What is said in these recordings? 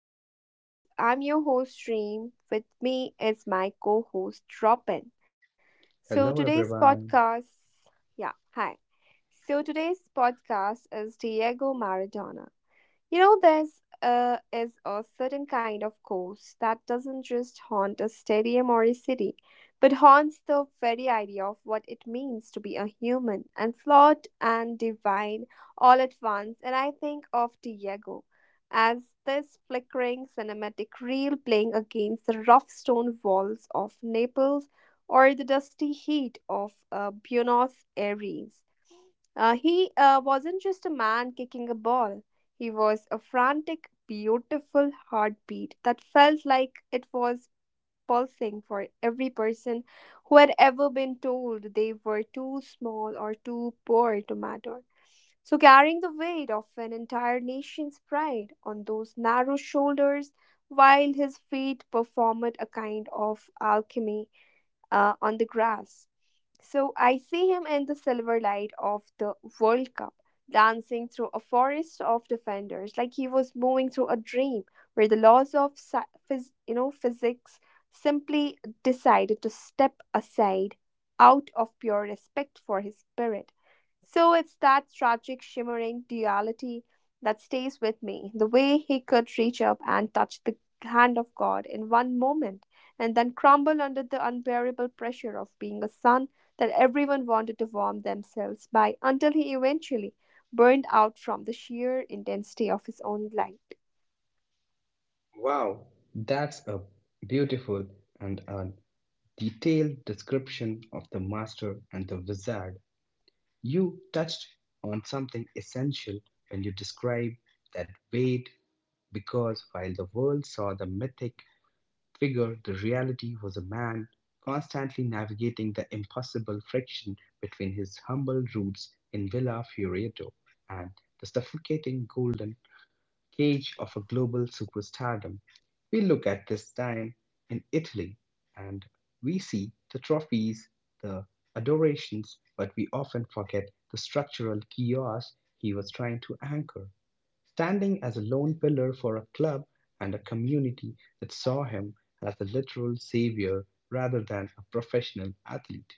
Theory Talks. I'm your host, Reem. With me is my co host, Robin. So Hello, today's everyone. podcast, yeah, hi. So today's podcast is Diego Maradona. You know, there's is a certain kind of ghost that doesn't just haunt a stadium or a city, but haunts the very idea of what it means to be a human and flawed and divine all at once. And I think of Diego as this flickering cinematic reel playing against the rough stone walls of Naples or the dusty heat of Buenos Aires. He wasn't just a man kicking a ball. He was a frantic, beautiful heartbeat that felt like it was pulsing for every person who had ever been told they were too small or too poor to matter. So, carrying the weight of an entire nation's pride on those narrow shoulders while his feet performed a kind of alchemy on the grass. So I see him in the silver light of the World Cup, dancing through a forest of defenders, like he was moving through a dream where the laws of physics simply decided to step aside out of pure respect for his spirit. So it's that tragic shimmering duality that stays with me, the way he could reach up and touch the hand of God in one moment and then crumble under the unbearable pressure of being a sun that everyone wanted to warm themselves by until he eventually burned out from the sheer intensity of his own light. Wow, that's a beautiful and a detailed description of the master and the wizard. You touched on something essential when you described that weight, because while the world saw the mythic figure, the reality was a man constantly navigating the impossible friction between his humble roots in Villa Fioretto and the suffocating golden cage of a global superstardom. We look at this time in Italy and we see the trophies, the adorations, but we often forget the structural chaos he was trying to anchor, standing as a lone pillar for a club and a community that saw him as a literal savior rather than a professional athlete.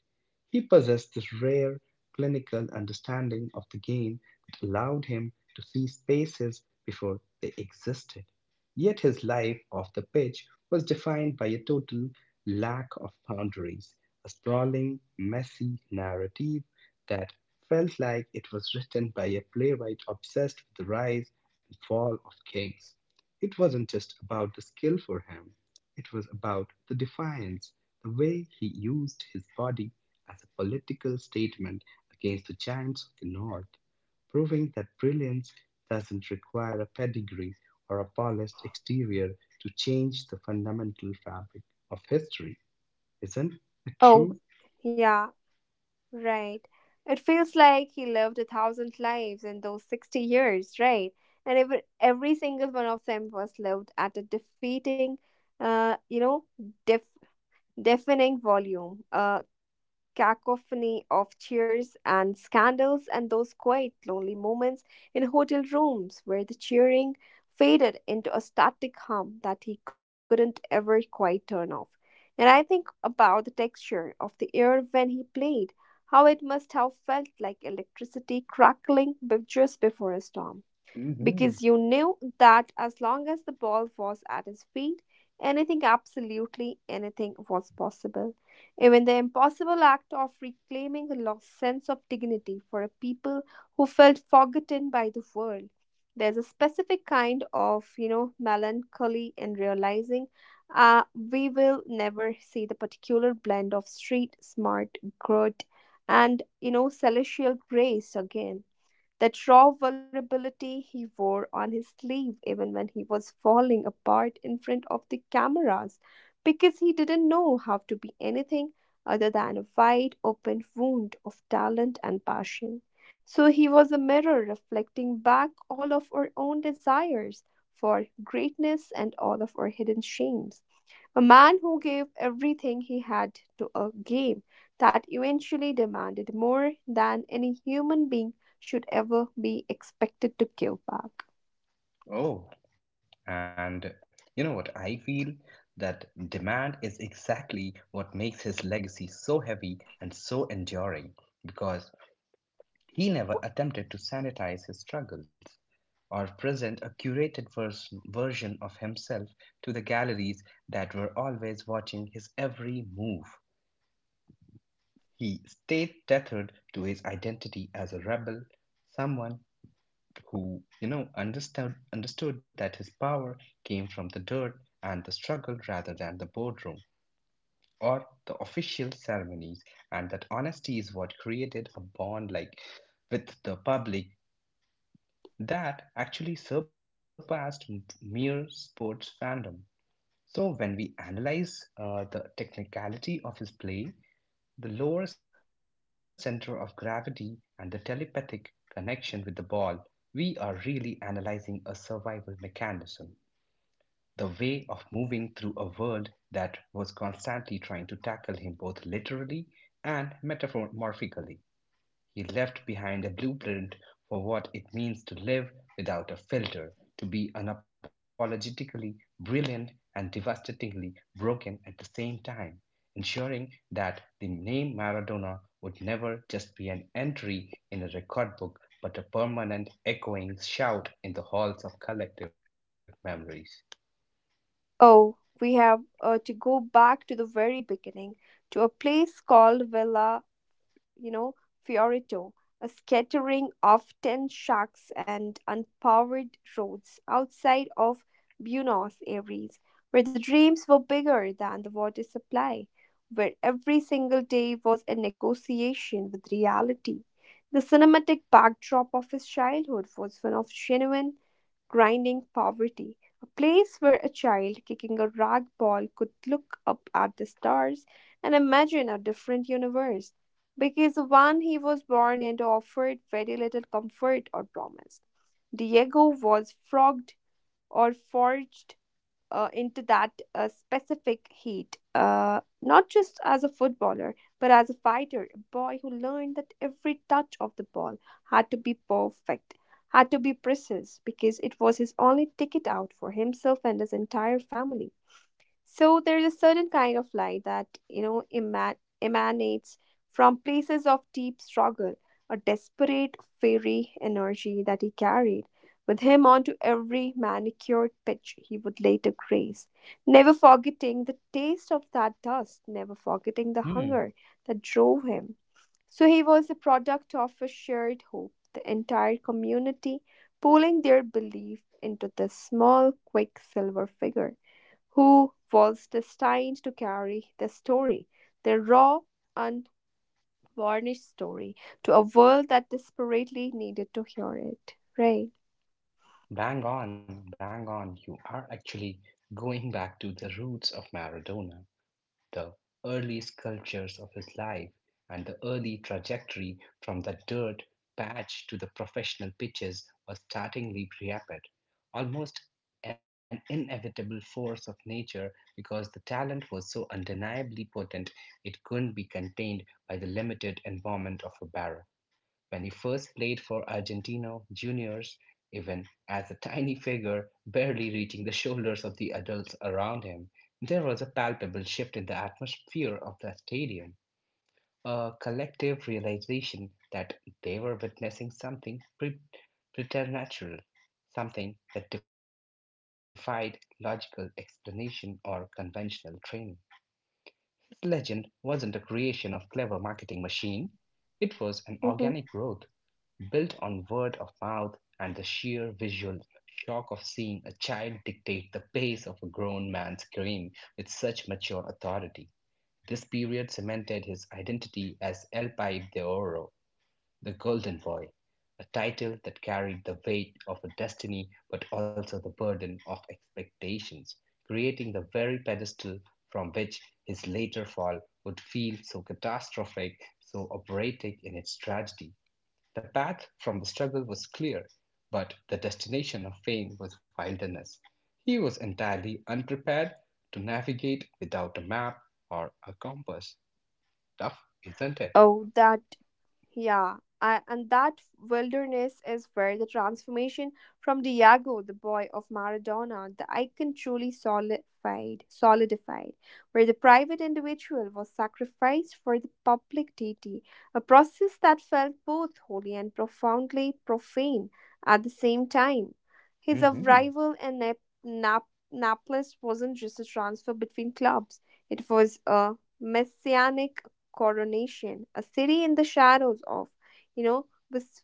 He possessed this rare clinical understanding of the game that allowed him to see spaces before they existed. Yet his life off the pitch was defined by a total lack of boundaries, a sprawling, messy narrative that felt like it was written by a playwright obsessed with the rise and fall of kings. It wasn't just about the skill for him, it was about the defiance, the way he used his body as a political statement against the giants of the north, proving that brilliance doesn't require a pedigree or a polished exterior to change the fundamental fabric of history. Isn't it Oh, true? yeah, right. It feels like he lived a thousand lives in those 60 years, right? And every single one of them was lived at a defeating, uh, you know, def, deafening volume, a cacophony of cheers and scandals and those quiet, lonely moments in hotel rooms where the cheering faded into a static hum that he couldn't ever quite turn off. And I think about the texture of the air when he played, how it must have felt like electricity crackling just before a storm, because Hmm. you knew that as long as the ball was at his feet, anything, absolutely anything, was possible. Even the impossible act of reclaiming a lost sense of dignity for a people who felt forgotten by the world. There's a specific kind of, you know, melancholy in realizing we will never see the particular blend of street smart, good, and, you know, celestial grace again, that raw vulnerability he wore on his sleeve even when he was falling apart in front of the cameras, because he didn't know how to be anything other than a wide open wound of talent and passion. So he was a mirror reflecting back all of our own desires for greatness and all of our hidden shames. A man who gave everything he had to a game that eventually demanded more than any human being should ever be expected to give back. Oh, and you know what? I feel that demand is exactly what makes his legacy so heavy and so enduring, because he never attempted to sanitize his struggles or present a curated version of himself to the galleries that were always watching his every move. He stayed tethered to his identity as a rebel, someone who understood that his power came from the dirt and the struggle rather than the boardroom or the official ceremonies, and that honesty is what created a bond like with the public that actually surpassed mere sports fandom. So, when we analyze the technicality of his play, the lower center of gravity, and the telepathic connection with the ball, we are really analyzing a survival mechanism, the way of moving through a world that was constantly trying to tackle him both literally and metaphorically. He left behind a blueprint for what it means to live without a filter, to be unapologetically brilliant and devastatingly broken at the same time, ensuring that the name Maradona would never just be an entry in a record book, but a permanent echoing shout in the halls of collective memories. Oh, we have to go back to the very beginning, to a place called Villa, you know, Fiorito, a scattering of tin shacks and unpowered roads outside of Buenos Aires, where the dreams were bigger than the water supply, where every single day was a negotiation with reality. The cinematic backdrop of his childhood was one of genuine grinding poverty, a place where a child kicking a rag ball could look up at the stars and imagine a different universe, because the one he was born into offered very little comfort or promise. Diego was flogged or forged into that specific heat, not just as a footballer, but as a fighter, a boy who learned that every touch of the ball had to be perfect, had to be precise, because it was his only ticket out for himself and his entire family. So there is a certain kind of light that, you know, emanates from places of deep struggle, a desperate, fiery energy that he carried with him onto every manicured pitch he would later grace, never forgetting the taste of that dust, never forgetting the Hmm. hunger that drove him. So he was a product of a shared hope, the entire community pooling their belief into this small, quick silver figure who was destined to carry the story, the raw, unvarnished story, to a world that desperately needed to hear it. Right. Bang on, bang on. You are actually going back to the roots of Maradona, the early sculptures of his life, and the early trajectory from the dirt patch to the professional pitches was startlingly rapid, almost an inevitable force of nature, because the talent was so undeniably potent it couldn't be contained by the limited environment of a barrel. When he first played for Argentino Juniors, even as a tiny figure barely reaching the shoulders of the adults around him, there was a palpable shift in the atmosphere of the stadium, a collective realization that they were witnessing something preternatural, something that defied logical explanation or conventional training. This legend wasn't a creation of clever marketing machine. It was an organic Hmm. growth, built on word of mouth and the sheer visual shock of seeing a child dictate the pace of a grown man's career with such mature authority. This period cemented his identity as El Paib de Oro, the Golden Boy, a title that carried the weight of a destiny but also the burden of expectations, creating the very pedestal from which his later fall would feel so catastrophic, so operatic in its tragedy. The path from the struggle was clear, but the destination of fame was wilderness. He was entirely unprepared to navigate without a map or a compass. Tough, isn't it? Oh, that Yeah, and that wilderness is where the transformation from Diego, the boy of Maradona, the icon truly solidified, where the private individual was sacrificed for the public deity, a process that felt both holy and profoundly profane at the same time. His Hmm. arrival in Naples wasn't just a transfer between clubs; it was a messianic coronation, a city in the shadows of, you know,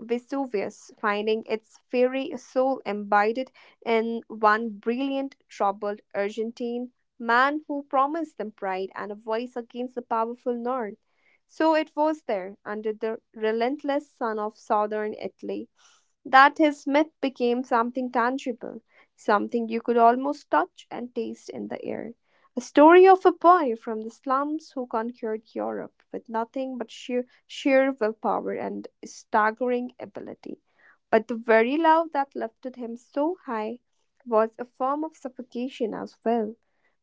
Vesuvius, finding its fiery soul embedded in one brilliant, troubled Argentine man who promised them pride and a voice against the powerful North. So it was there, under the relentless sun of southern Italy, that his myth became something tangible, something you could almost touch and taste in the air. A story of a boy from the slums who conquered Europe with nothing but sheer willpower and staggering ability. But the very love that lifted him so high was a form of suffocation as well,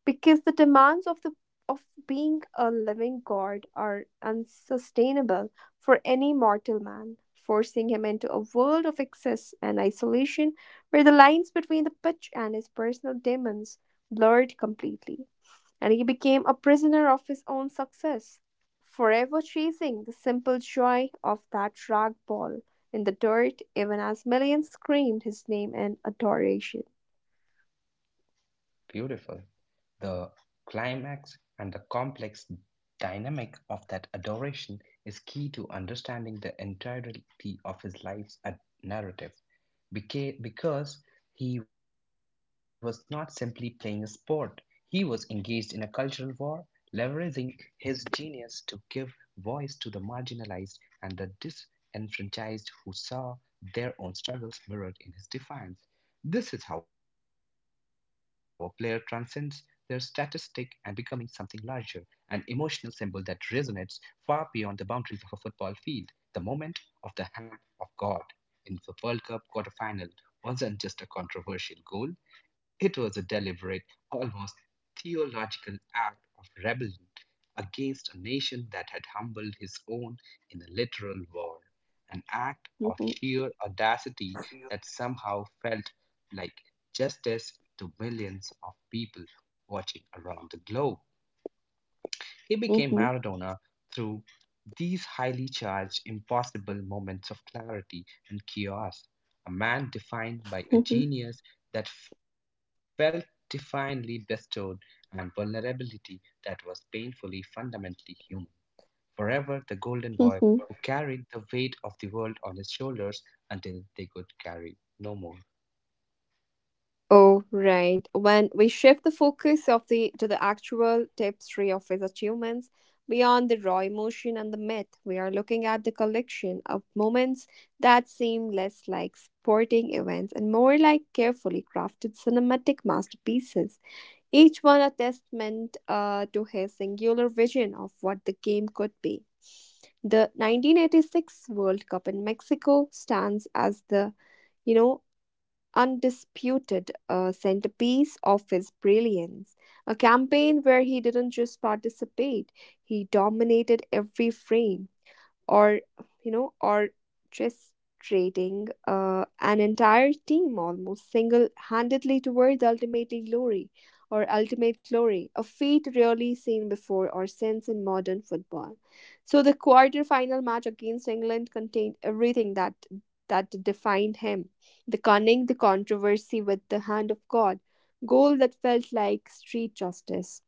because the demands of the of being a living god are unsustainable for any mortal man, forcing him into a world of excess and isolation where the lines between the pitch and his personal demons blurred completely, and he became a prisoner of his own success, forever chasing the simple joy of that rag ball in the dirt, even as millions screamed his name in adoration. Beautiful. The climax and the complex dynamic of that adoration is key to understanding the entirety of his life's narrative. Because he was not simply playing a sport, he was engaged in a cultural war, leveraging his genius to give voice to the marginalized and the disenfranchised who saw their own struggles mirrored in his defiance. This is how a player transcends their statistic and becoming something larger, an emotional symbol that resonates far beyond the boundaries of a football field. The moment of the hand of God in the World Cup quarterfinal wasn't just a controversial goal, it was a deliberate, almost theological act of rebellion against a nation that had humbled his own in a literal war, an act of sheer audacity that somehow felt like justice to millions of people watching around the globe. He became Maradona through these highly charged, impossible moments of clarity and chaos, a man defined by a genius that felt divinely bestowed and vulnerability that was painfully, fundamentally human. Forever the golden boy who carried the weight of the world on his shoulders until they could carry no more. Oh, right. When we shift the focus of the to the actual tapestry of his achievements beyond the raw emotion and the myth, we are looking at the collection of moments that seem less like sporting events and more like carefully crafted cinematic masterpieces, each one a testament to his singular vision of what the game could be. The 1986 World Cup in Mexico stands as the, you know, undisputed centerpiece of his brilliance. A campaign where he didn't just participate, he dominated every frame, or, you know, orchestrating an entire team almost single-handedly toward the ultimate glory or ultimate glory, a feat rarely seen before or since in modern football. So the quarter-final match against England contained everything that defined him: the cunning, the controversy with the hand of God goal that felt like street justice,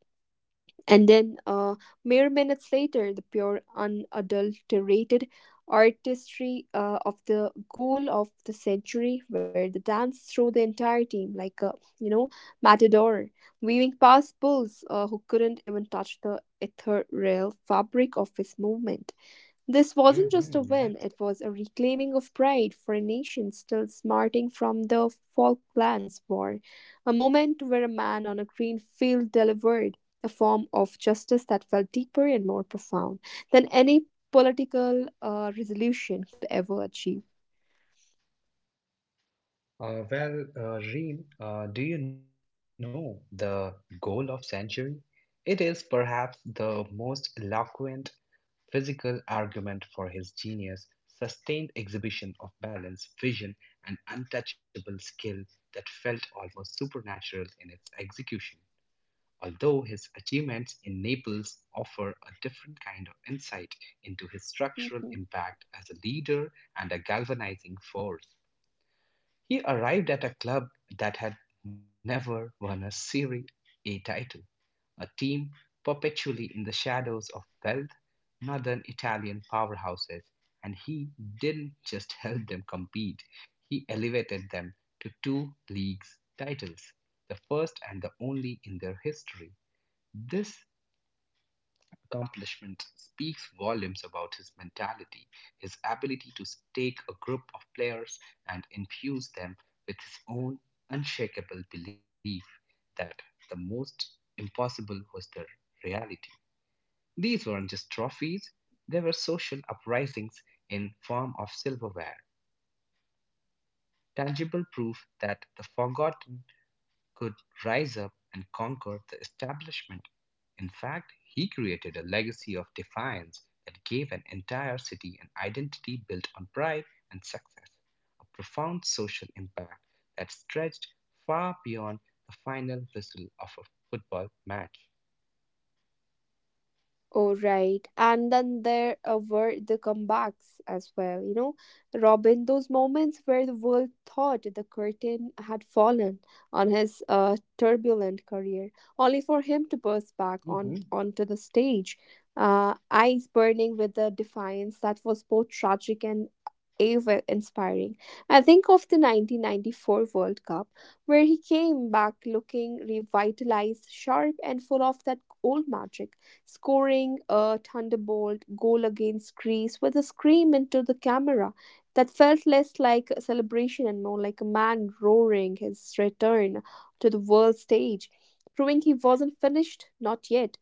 and then, mere minutes later, the pure, unadulterated artistry of the goal of the century, where the dance through the entire team, like a, you know, matador, weaving past bulls who couldn't even touch the ethereal fabric of his movement. This wasn't just a Mhm. win, it was a reclaiming of pride for a nation still smarting from the Falklands War, a moment where a man on a green field delivered a form of justice that felt deeper and more profound than any political resolution could ever achieve. Well, Reem, do you know the goal of century? It is perhaps the most eloquent physical argument for his genius, sustained exhibition of balance, vision, and untouchable skill that felt almost supernatural in its execution. Although his achievements in Naples offer a different kind of insight into his Mhm. structural impact as a leader and a galvanizing force. He arrived at a club that had never won a Serie A title, a team perpetually in the shadows of wealth, northern Italian powerhouses, and he didn't just help them compete, he elevated them to two leagues titles, the first and the only in their history. This accomplishment speaks volumes about his mentality, his ability to take a group of players and infuse them with his own unshakable belief that the most impossible was the reality. These weren't just trophies, they were social uprisings in form of silverware, tangible proof that the forgotten could rise up and conquer the establishment. In fact, he created a legacy of defiance that gave an entire city an identity built on pride and success, a profound social impact that stretched far beyond the final whistle of a football match. Oh, right. And then there were the comebacks as well, you know. Robin, those moments where the world thought the curtain had fallen on his turbulent career, only for him to burst back on Hmm. onto the stage, eyes burning with the defiance that was both tragic and ever inspiring. I think of the 1994 World Cup, where he came back looking revitalized, sharp, and full of that old magic, scoring a thunderbolt goal against Greece with a scream into the camera that felt less like a celebration and more like a man roaring his return to the world stage, proving he wasn't finished, not yet.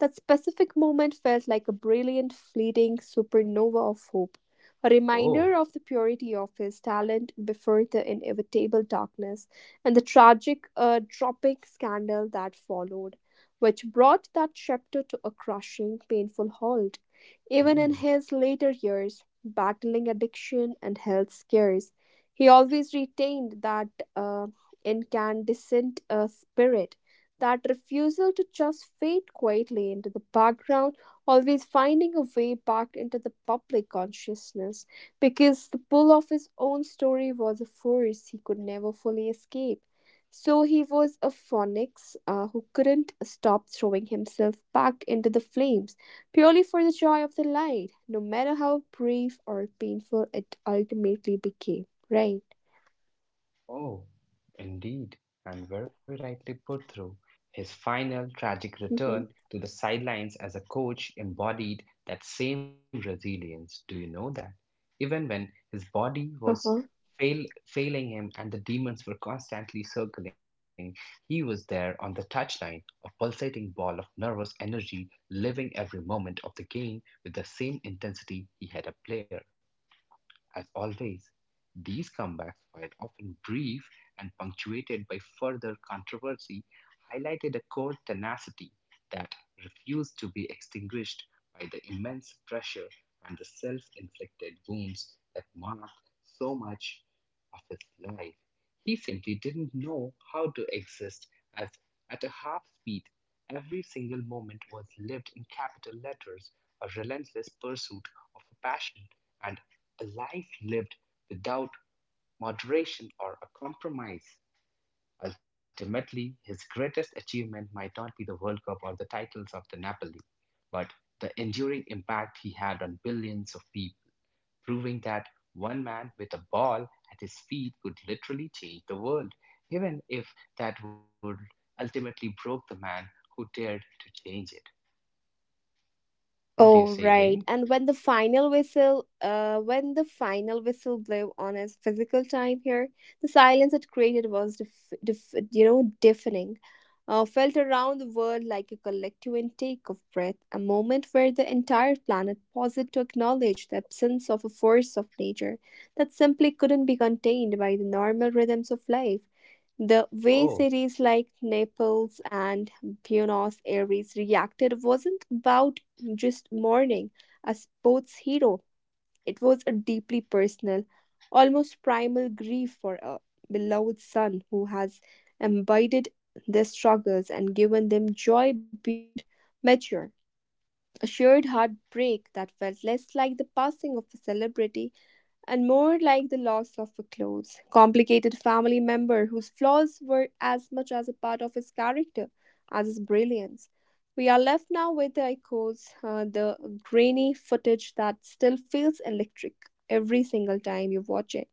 That specific moment felt like a brilliant, fleeting supernova of hope, a reminder Oh. of the purity of his talent before the inevitable darkness and the tragic, dropping scandal that followed, which brought that chapter to a crushing, painful halt. Even in Mm. his later years, battling addiction and health scares, he always retained that uh, incandescent spirit, that refusal to just fade quietly into the background, always finding a way back into the public consciousness, because the pull of his own story was a force he could never fully escape. So he was a phoenix who couldn't stop throwing himself back into the flames purely for the joy of the light, no matter how brief or painful it ultimately became. Right? Oh, indeed, and very rightly put through. His final tragic Mm-hmm. return to the sidelines as a coach embodied that same resilience. Do you know that? Even when his body Uh-huh. was failing him and the demons were constantly circling, he was there on the touchline, a pulsating ball of nervous energy, living every moment of the game with the same intensity he had a player. As always, these comebacks, while often brief and punctuated by further controversy, highlighted a core tenacity that refused to be extinguished by the immense pressure and the self inflicted wounds that marked so much of his life. He simply didn't know how to exist as at a half speed. Every single moment was lived in capital letters, a relentless pursuit of a passion, and a life lived without moderation or a compromise. Ultimately, his greatest achievement might not be the World Cup or the titles of the Napoli, but the enduring impact he had on billions of people, proving that one man with a ball at his feet could literally change the world, even if that would ultimately broke the man who dared to change it. What do you Oh, say, right. Rain? And when the final whistle, When the final whistle blew on his physical time here, the silence it created was, deafening. Felt around the world like a collective intake of breath, a moment where the entire planet paused to acknowledge the absence of a force of nature that simply couldn't be contained by the normal rhythms of life. The Oh, way cities like Naples and Buenos Aires reacted wasn't about just mourning a sports hero, it was a deeply personal, almost primal grief for a beloved son who has embodied their struggles and given them joy beyond measure. A shared heartbreak that felt less like the passing of a celebrity and more like the loss of a close, complicated family member whose flaws were as much as a part of his character as his brilliance. We are left now with the echoes, the grainy footage that still feels electric every single time you watch it.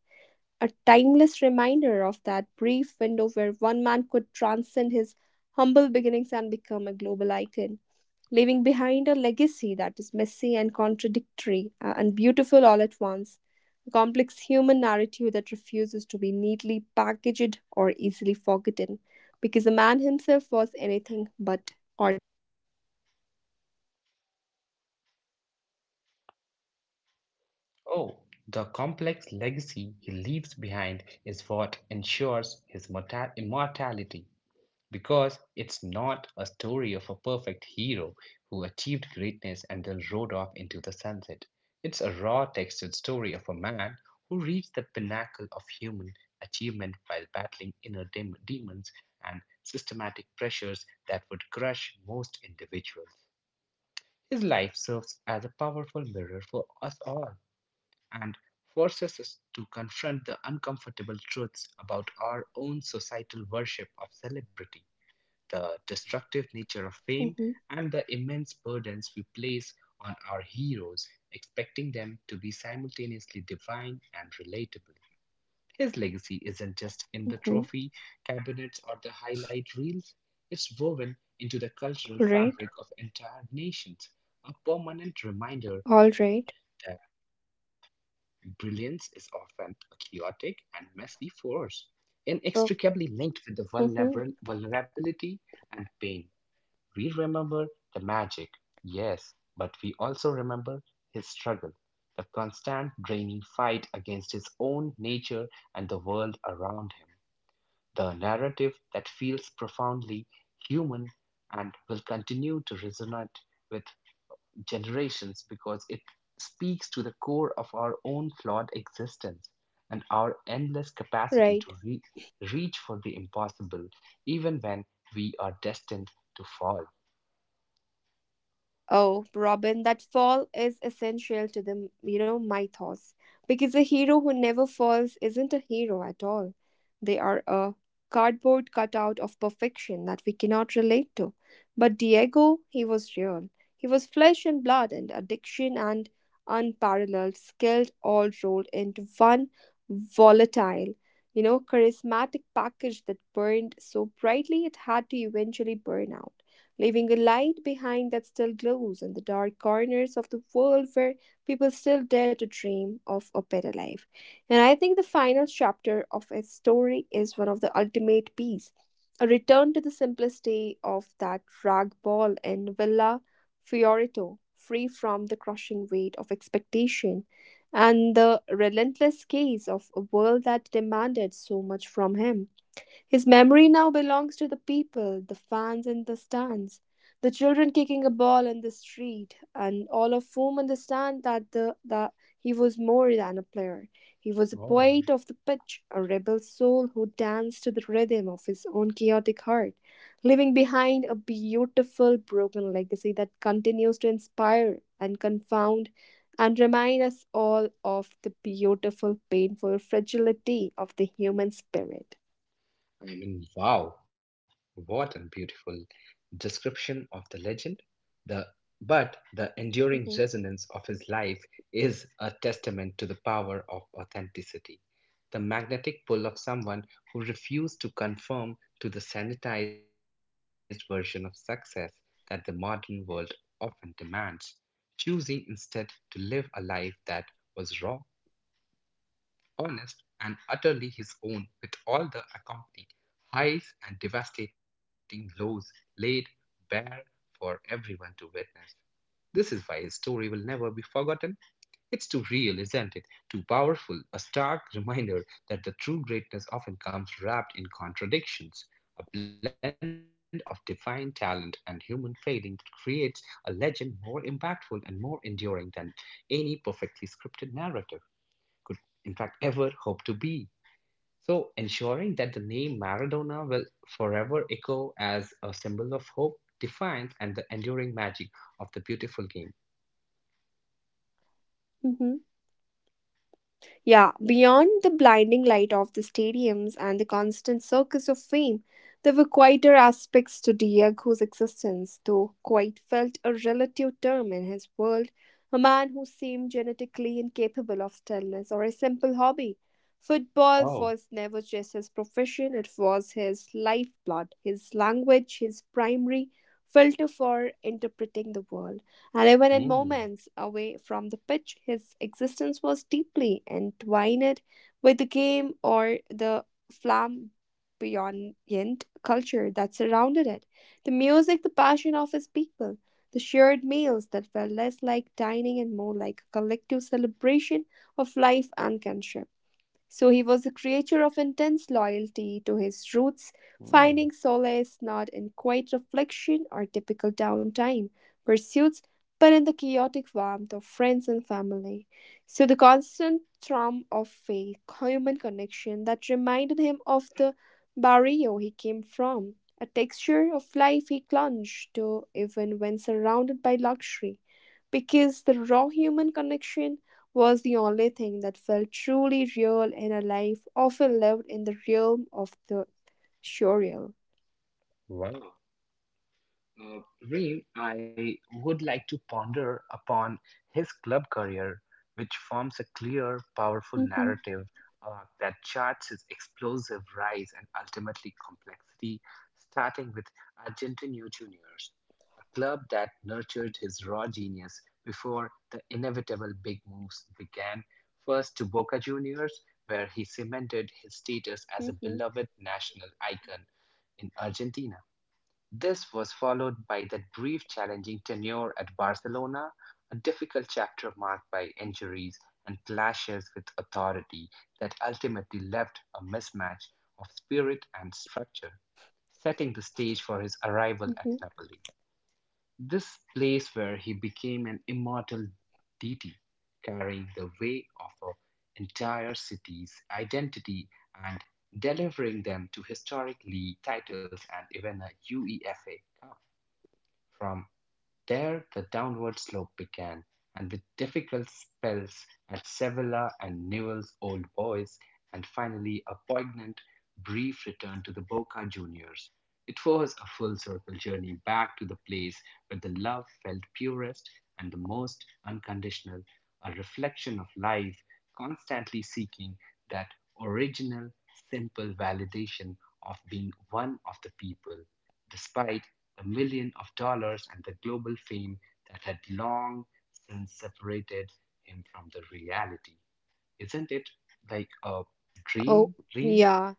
A timeless reminder of that brief window where one man could transcend his humble beginnings and become a global icon leaving behind a legacy that is messy and contradictory and beautiful all at once, a complex human narrative that refuses to be neatly packaged or easily forgotten, because the man himself was anything but ordinary. oh, the complex legacy he leaves behind is what ensures his immortality. Because it's not a story of a perfect hero who achieved greatness and then rode off into the sunset. It's a raw textured story of a man who reached the pinnacle of human achievement while battling inner demons and systematic pressures that would crush most individuals. His life serves as a powerful mirror for us all and forces us to confront the uncomfortable truths about our own societal worship of celebrity, the destructive nature of fame, Mm-hmm, and the immense burdens we place on our heroes, expecting them to be simultaneously divine and relatable. His legacy isn't just in the mm-hmm. trophy cabinets or the highlight reels, it's woven into the cultural All right, fabric of entire nations, a permanent reminder all that right. brilliance is often a chaotic and messy force inextricably So, linked with the vulnerabil- mhm, vulnerability and pain. We remember the magic, yes, but we also remember his struggle, the constant draining fight against his own nature and the world around him. The narrative that feels profoundly human and will continue to resonate with generations, because it speaks to the core of our own flawed existence and our endless capacity right. to reach for the impossible, even when we are destined to fall. Oh, Robin, that fall is essential to the, you know, mythos. Because a hero who never falls isn't a hero at all. They are a cardboard cutout of perfection that we cannot relate to. But Diego, he was real. He was flesh and blood and addiction and unparalleled skill all rolled into one volatile, you know, charismatic package that burned so brightly it had to eventually burn out leaving a light behind that still glows in the dark corners of the world where people still dare to dream of a better life. And I think the final chapter of his story is one of the ultimate peace, a return to the simplicity of that rag ball in Villa Fiorito, free from the crushing weight of expectation and the relentless gaze of a world that demanded so much from him. His memory now belongs to the people, the fans in the stands, the children kicking a ball in the street, and all of whom understand that the he was more than a player. He was a Oh, poet of the pitch, a rebel soul who danced to the rhythm of his own chaotic heart, leaving behind a beautiful broken legacy that continues to inspire and confound and remind us all of the beautiful, painful fragility of the human spirit. I mean, wow, what a beautiful description of the legend. The but the enduring Mhm. resonance of his life is a testament to the power of authenticity. The magnetic pull of someone who refused to conform to the sanitized version of success that the modern world often demands, choosing instead to live a life that was raw, honest and utterly his own, with all the accompanying highs and devastating lows laid bare for everyone to witness. This is why his story will never be forgotten. It's too real, isn't it? Too powerful, a stark reminder that the true greatness often comes wrapped in contradictions. A blend of divine talent and human failing creates a legend more impactful and more enduring than any perfectly scripted narrative could, in fact, ever hope to be. So, ensuring that the name Maradona will forever echo as a symbol of hope, defiance, and the enduring magic of the beautiful game. Mhm. Yeah, beyond the blinding light of the stadiums and the constant circus of fame, there were quieter aspects to Diego's existence, though quite felt a relative term in his world, a man who seemed genetically incapable of stillness or a simple hobby. Football was Oh, never just his profession, it was his lifeblood, his language, his primary filter for interpreting the world. And even in moments mm, away from the pitch, his existence was deeply entwined with the game or the flamboyant culture that surrounded it. The music, the passion of his people, the shared meals that were less like dining and more like a collective celebration of life and kinship. So he was a creature of intense loyalty to his roots, finding mm, solace not in quiet reflection or typical downtime pursuits, but in the chaotic warmth of friends and family. So the constant thrum of faith, human connection that reminded him of the barrio he came from, a texture of life he clung to even when surrounded by luxury, because the raw human connection was the only thing that felt truly real in a life often lived in the realm of the surreal. wow. Uh, Reem, I would like to ponder upon his club career, which forms a clear, powerful narrative that charts his explosive rise and ultimately complexity, starting with Argentino Juniors, a club that nurtured his raw genius before the inevitable big moves began, first to Boca Juniors, where he cemented his status as a Mhm. beloved national icon in Argentina. This was followed by that brief challenging tenure at Barcelona, a difficult chapter marked by injuries and clashes with authority that ultimately left a mismatch of spirit and structure, setting the stage for his arrival at Mhm. Napoli. This place where he became an immortal deity, carrying the weight of an entire city's identity and delivering them to historic league titles and even a UEFA Cup. From there the downward slope began, and with difficult spells at Sevilla and Newell's Old Boys, and finally a poignant, brief return to the Boca Juniors, it was a full circle journey back to the place where the love felt purest and the most unconditional, a reflection of life constantly seeking that original, simple validation of being one of the people despite the million of dollars and the global fame that had long since separated him from the reality. Isn't it like a Oh, dream? yeah,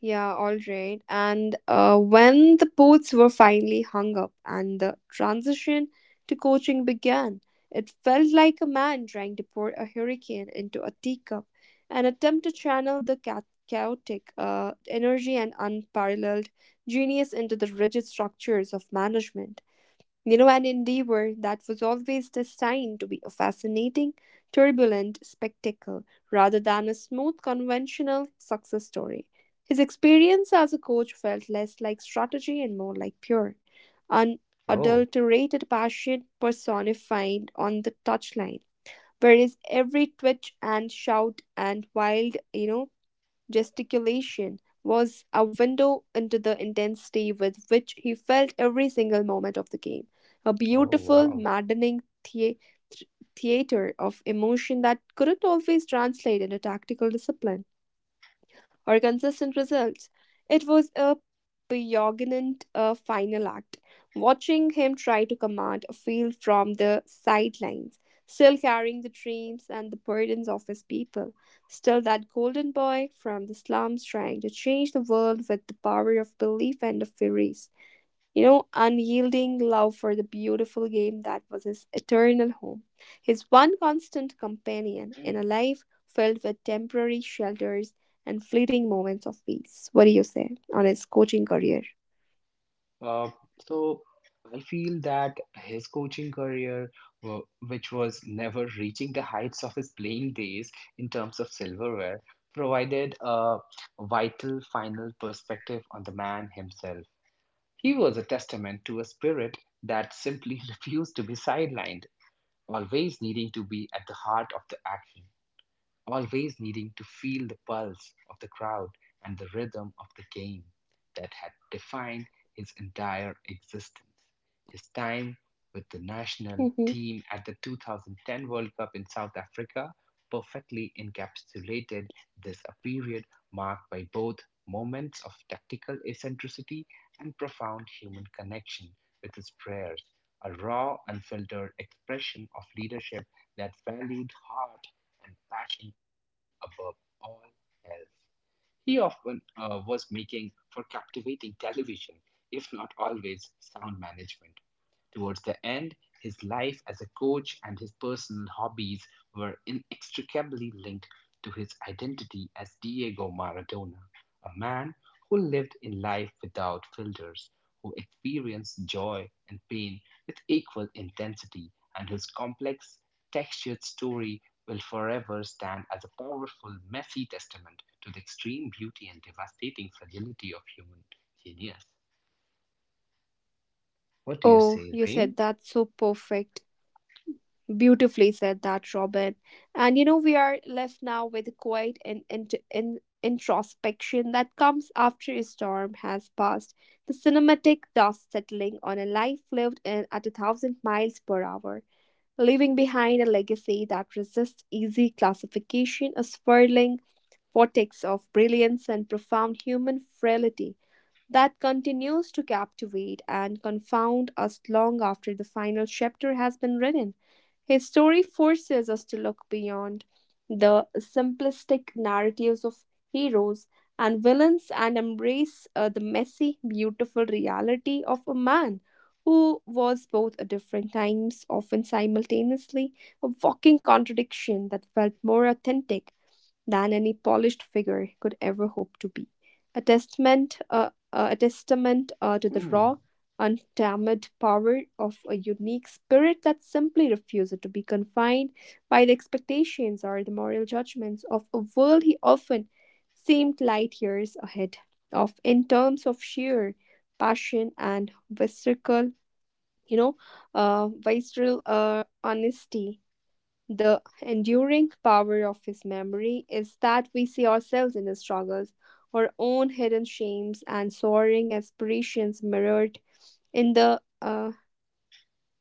yeah, all right. And when the boots were finally hung up and the transition to coaching began, it felt like a man trying to pour a hurricane into a teacup, an attempt to channel the chaotic energy and unparalleled genius into the rigid structures of management. You know, an endeavor that was always destined to be a fascinating, turbulent spectacle rather than a smooth, conventional success story. His experience as a coach felt less like strategy and more like pure, Oh, unadulterated passion personified on the touchline. Whereas every twitch and shout and wild, you know, gesticulation was a window into the intensity with which he felt every single moment of the game, a oh, beautiful, wow. maddening th- theater of emotion that couldn't always translate into tactical discipline or consistent results. It was a pregnant final act. Watching him try to command a field from the sidelines, still carrying the dreams and the burdens of his people, still that golden boy from the slums trying to change the world with the power of belief and of fury, you know, unyielding love for the beautiful game that was his eternal home, his one constant companion in a Mm. life filled with temporary shelters and fleeting moments of peace. What do you say on his coaching career? Uh, so I feel that his coaching career, wa- which was never reaching the heights of his playing days in terms of silverware, provided a vital final perspective on the man himself. He was a testament to a spirit that simply refused to be sidelined, always needing to be at the heart of the action, always needing to feel the pulse of the crowd and the rhythm of the game that had defined his entire existence. His time with the national Hmm. team at the 2010 World Cup in South Africa perfectly encapsulated this, a period marked by both moments of tactical eccentricity and profound human connection with his players, a raw, unfiltered expression of leadership that valued heart and passion above all else. He often was making for captivating television, if not always sound management. Towards the end, his life as a coach and his personal hobbies were inextricably linked to his identity as Diego Maradona, a man who lived in life without filters, who experienced joy and pain with equal intensity, and whose complex, textured story will forever stand as a powerful, messy testament to the extreme beauty and devastating fragility of human genius. What do you Oh, say, you Reem? said that's so perfect. Beautifully said that, Robin. And you know, we are left now with quiet and introspection that comes after a storm has passed, the cinematic dust settling on a life lived in at a thousand miles per hour, leaving behind a legacy that resists easy classification, a swirling vortex of brilliance and profound human frailty that continues to captivate and confound us long after the final chapter has been written. His story forces us to look beyond the simplistic narratives of heroes and villains and embrace the messy, beautiful reality of a man who was both at different times, often simultaneously, a walking contradiction that felt more authentic than any polished figure could ever hope to be. A testament to the Mm. raw, untamed power of a unique spirit that simply refuses to be confined by the expectations or the moral judgments of a world he often seemed light years ahead of in terms of sheer passion and you know, visceral honesty. The enduring power of his memory is that we see ourselves in his struggles, our own hidden shames and soaring aspirations mirrored in the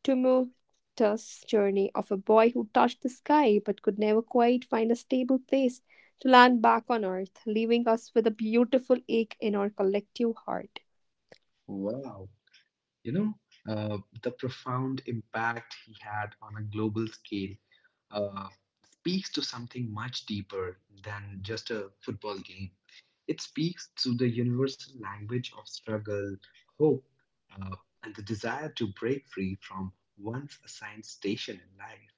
tumultuous journey of a boy who touched the sky but could never quite find a stable place to land back on earth, leaving us with a beautiful ache in our collective heart. Wow. You know, the profound impact he had on a global scale uh, speaks to something much deeper than just a football game. It speaks to the universal language of struggle, hope, uh, and the desire to break Mhm. free from one's assigned station in life,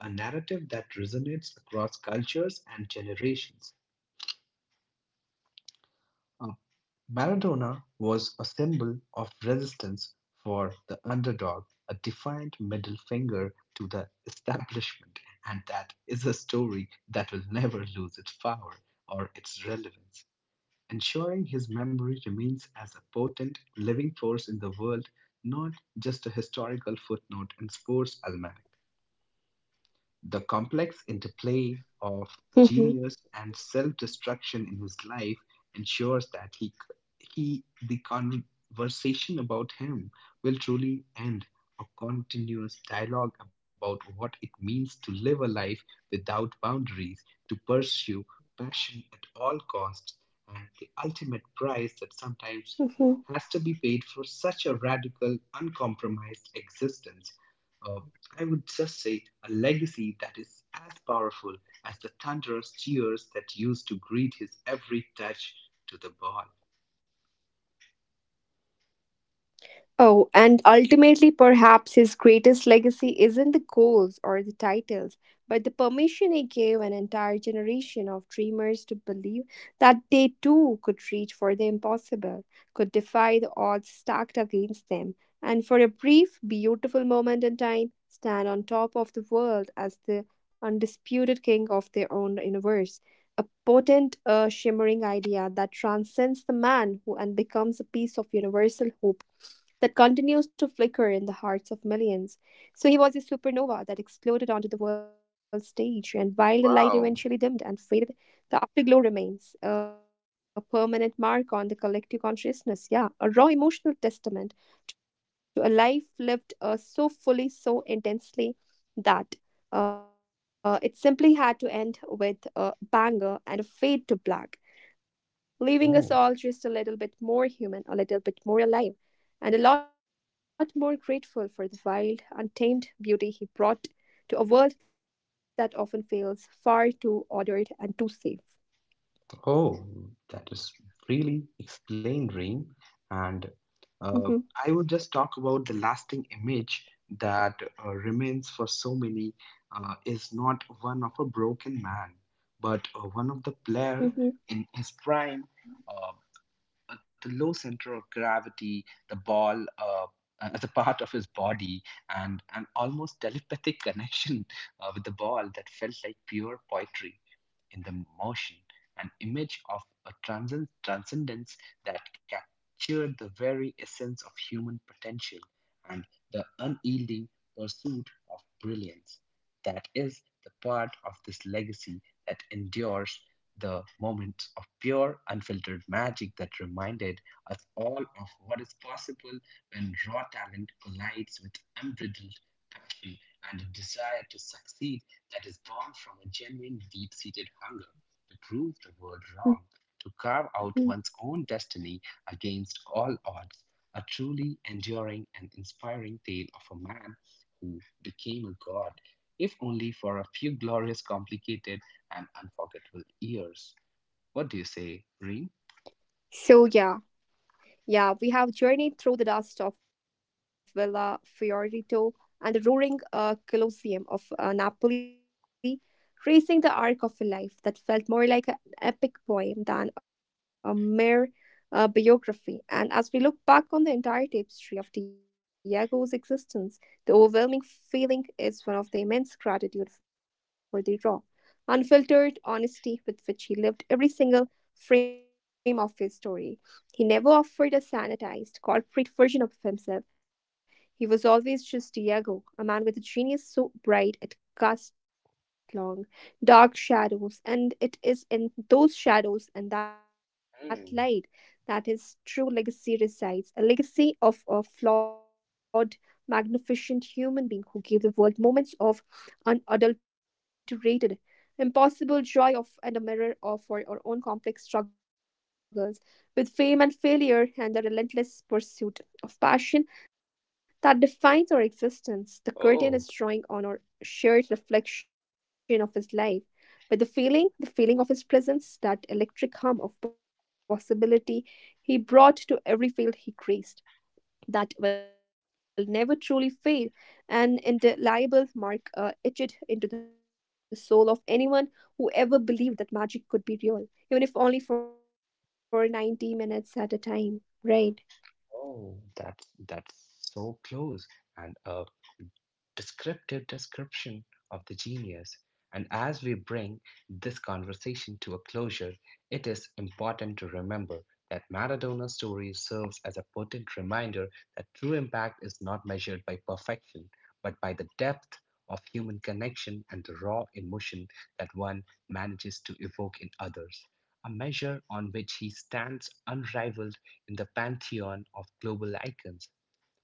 a narrative that resonates across cultures and generations. Uh, Maradona was a symbol of resistance for the underdog, a defiant middle finger to the establishment, and that is a story that will never lose its power or its relevance, ensuring his memory remains as a potent living force in the world, not just a historical footnote in sports almanac. The complex interplay of genius and self-destruction in his life ensures that he the conversation about him will truly end a continuous dialogue about what it means to live a life without boundaries, to pursue passion at all costs, and the ultimate price that sometimes Mhm. has to be paid for such a radical, uncompromised existence. uh, I would just say a legacy that is as powerful as the thunderous cheers that used to greet his every touch to the ball. Oh, and ultimately, perhaps his greatest legacy isn't the goals or the titles, but the permission he gave an entire generation of dreamers to believe that they too could reach for the impossible, could defy the odds stacked against them, and for a brief, beautiful moment in time, stand on top of the world as the undisputed king of their own universe. A potent, shimmering idea that transcends the man who and becomes a piece of universal hope that continues to flicker in the hearts of millions. So he was a supernova that exploded onto the world stage, and while the light Wow. eventually dimmed and faded, the afterglow remains a permanent mark on the collective consciousness. Yeah, a raw emotional testament to a life lived so fully, so intensely that it simply had to end with a bang and a fade to black, leaving us Oh, all just a little bit more human, a little bit more alive and a lot more grateful for the wild, untamed beauty he brought to a world that often feels far too ordered and too safe. oh, that is really explained, Reem. And uh, I would just Mhm, talk about the lasting image that remains for so many is not one of a broken man, but one of the player in his mhm, prime. Uh, the low center of gravity, the ball as a part of his body, and an almost telepathic connection with the ball that felt like pure poetry in the motion, an image of a transcend- transcendence that captured the very essence of human potential and the unyielding pursuit of brilliance. That is the part of this legacy that endures the moments of pure, unfiltered magic that reminded us all of what is possible when raw talent collides with unbridled passion and a desire to succeed that is born from a genuine deep seated hunger to prove the world wrong, to carve out mhm. one's own destiny against all odds. A truly enduring and inspiring tale of a man who became a god, if only for a few glorious, complicated, and unforgettable years. What do you say, Reem? So, yeah, yeah, we have journeyed through the dust of Villa Fiorito and the roaring Colosseum of Napoli, tracing the arc of a life that felt more like an epic poem than a mere biography. And as we look back on the entire tapestry of Diego's existence, the overwhelming feeling is one of the immense gratitude for the raw, unfiltered honesty with which he lived every single frame of his story. He never offered a sanitized, corporate version of himself. He was always just Diego, a man with a genius so bright it cast long, dark shadows, and it is in those shadows and that Hmm. light that his true legacy resides, a legacy of a flawed, magnificent human being who gave the world moments of unadulterated impossible joy of and a mirror of for our own complex struggles with fame and failure and the relentless pursuit of passion that defines our existence. The curtain Oh, is drawing on our shared reflection of his life. But the feeling of his presence, that electric hum of possibility he brought to every field he graced, that will never truly fade, an indelible mark etched into the soul of anyone who ever believed that magic could be real, even if only for 90 minutes at a time, right? oh, that's so close. And descriptive description of the genius, and as we bring this conversation to a closure, it is important to remember that Maradona's story serves as a potent reminder that true impact is not measured by perfection, but by the depth of human connection and the raw emotion that one manages to evoke in others, a measure on which he stands unrivaled in the pantheon of global icons.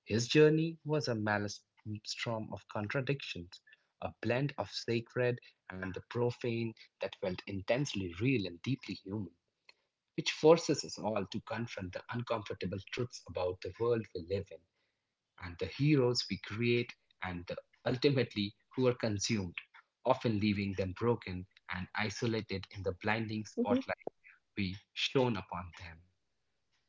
His journey was a maelstrom of contradictions, a blend of sacred and the profane that felt intensely real and deeply human, which forces us all to confront the uncomfortable truths about the world we live in and the heroes we create and the ultimately who are consumed, often leaving them broken and isolated in the blinding spotlight Hmm. we shone upon them.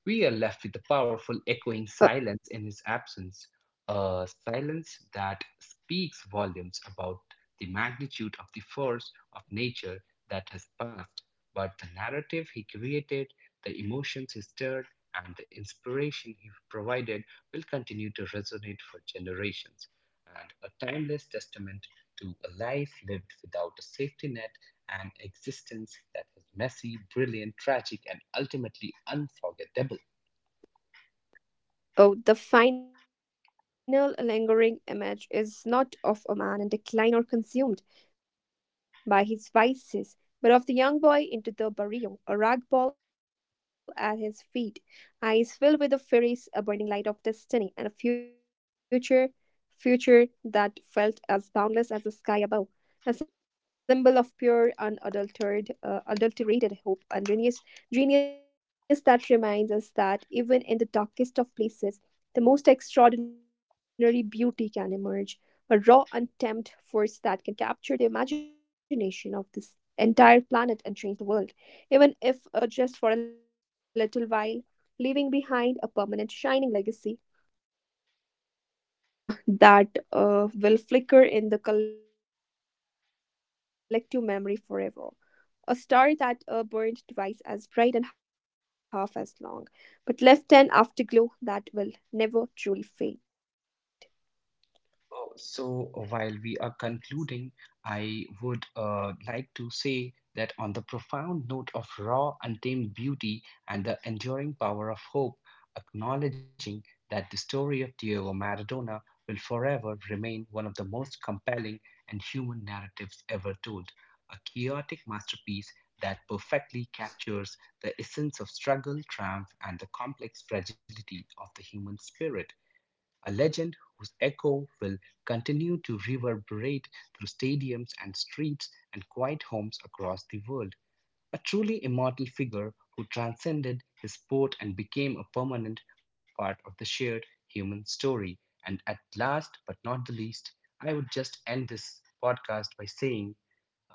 We are left with a powerful echoing silence in his absence, a silence that speaks volumes about the magnitude of the force of nature that has passed, but the narrative he created, the emotions he stirred, and the inspiration he provided will continue to resonate for generations, and a timeless testament to a life lived without a safety net an existence that was messy, brilliant, tragic, and ultimately unforgettable. Oh, the final lingering image is not of a man in decline or consumed by his vices, but of the young boy into the barrio, a rag ball at his feet, eyes filled with the furies, a burning light of destiny, and a future that felt as boundless as the sky above, a symbol of pure, adulterated hope and genius that reminds us that even in the darkest of places, the most extraordinary beauty can emerge, a raw, untamed force that can capture the imagination of this entire planet and change the world, even if just for a little while, leaving behind a permanent, shining legacy, that will flicker in the collective memory forever. A star that burned twice as bright and half as long, but left an afterglow that will never truly fade. While we are concluding, I would like to say that on the profound note of raw, untamed beauty and the enduring power of hope, acknowledging that the story of Diego Maradona will forever remain one of the most compelling and human narratives ever told, a chaotic masterpiece that perfectly captures the essence of struggle, triumph, and the complex fragility of the human spirit a legend whose echo will continue to reverberate through stadiums and streets and quiet homes across the world a truly immortal figure who transcended his sport and became a permanent part of the shared human story. And at last, but not the least, I would just end this podcast by saying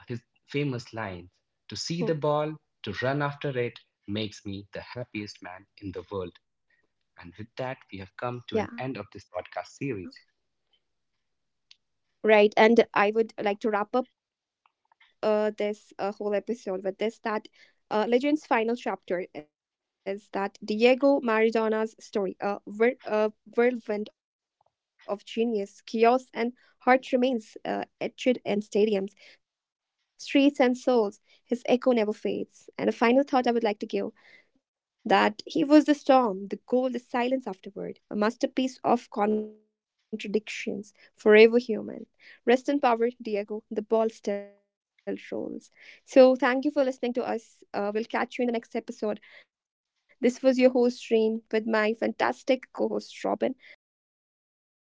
his famous lines. To Hmm. see the ball, to run after it, makes me the happiest man in the world. And with that, we have come to an end of this podcast Yeah. series. Right, and I would like to wrap up this whole episode with this, that Legend's final chapter is that Diego Maradona's story, a whirlwind of genius, chaos, and heart remains etched in stadiums, streets, and souls. His echo never fades. And a final thought I would like to give that he was the storm, the gold, the silence afterward, a masterpiece of contradictions, forever human. Rest in power, Diego. The ball still rolls. So, thank you for listening to us. We'll catch you in the next episode. This was your host, Reem, with my fantastic co host, Robin. Bye bye.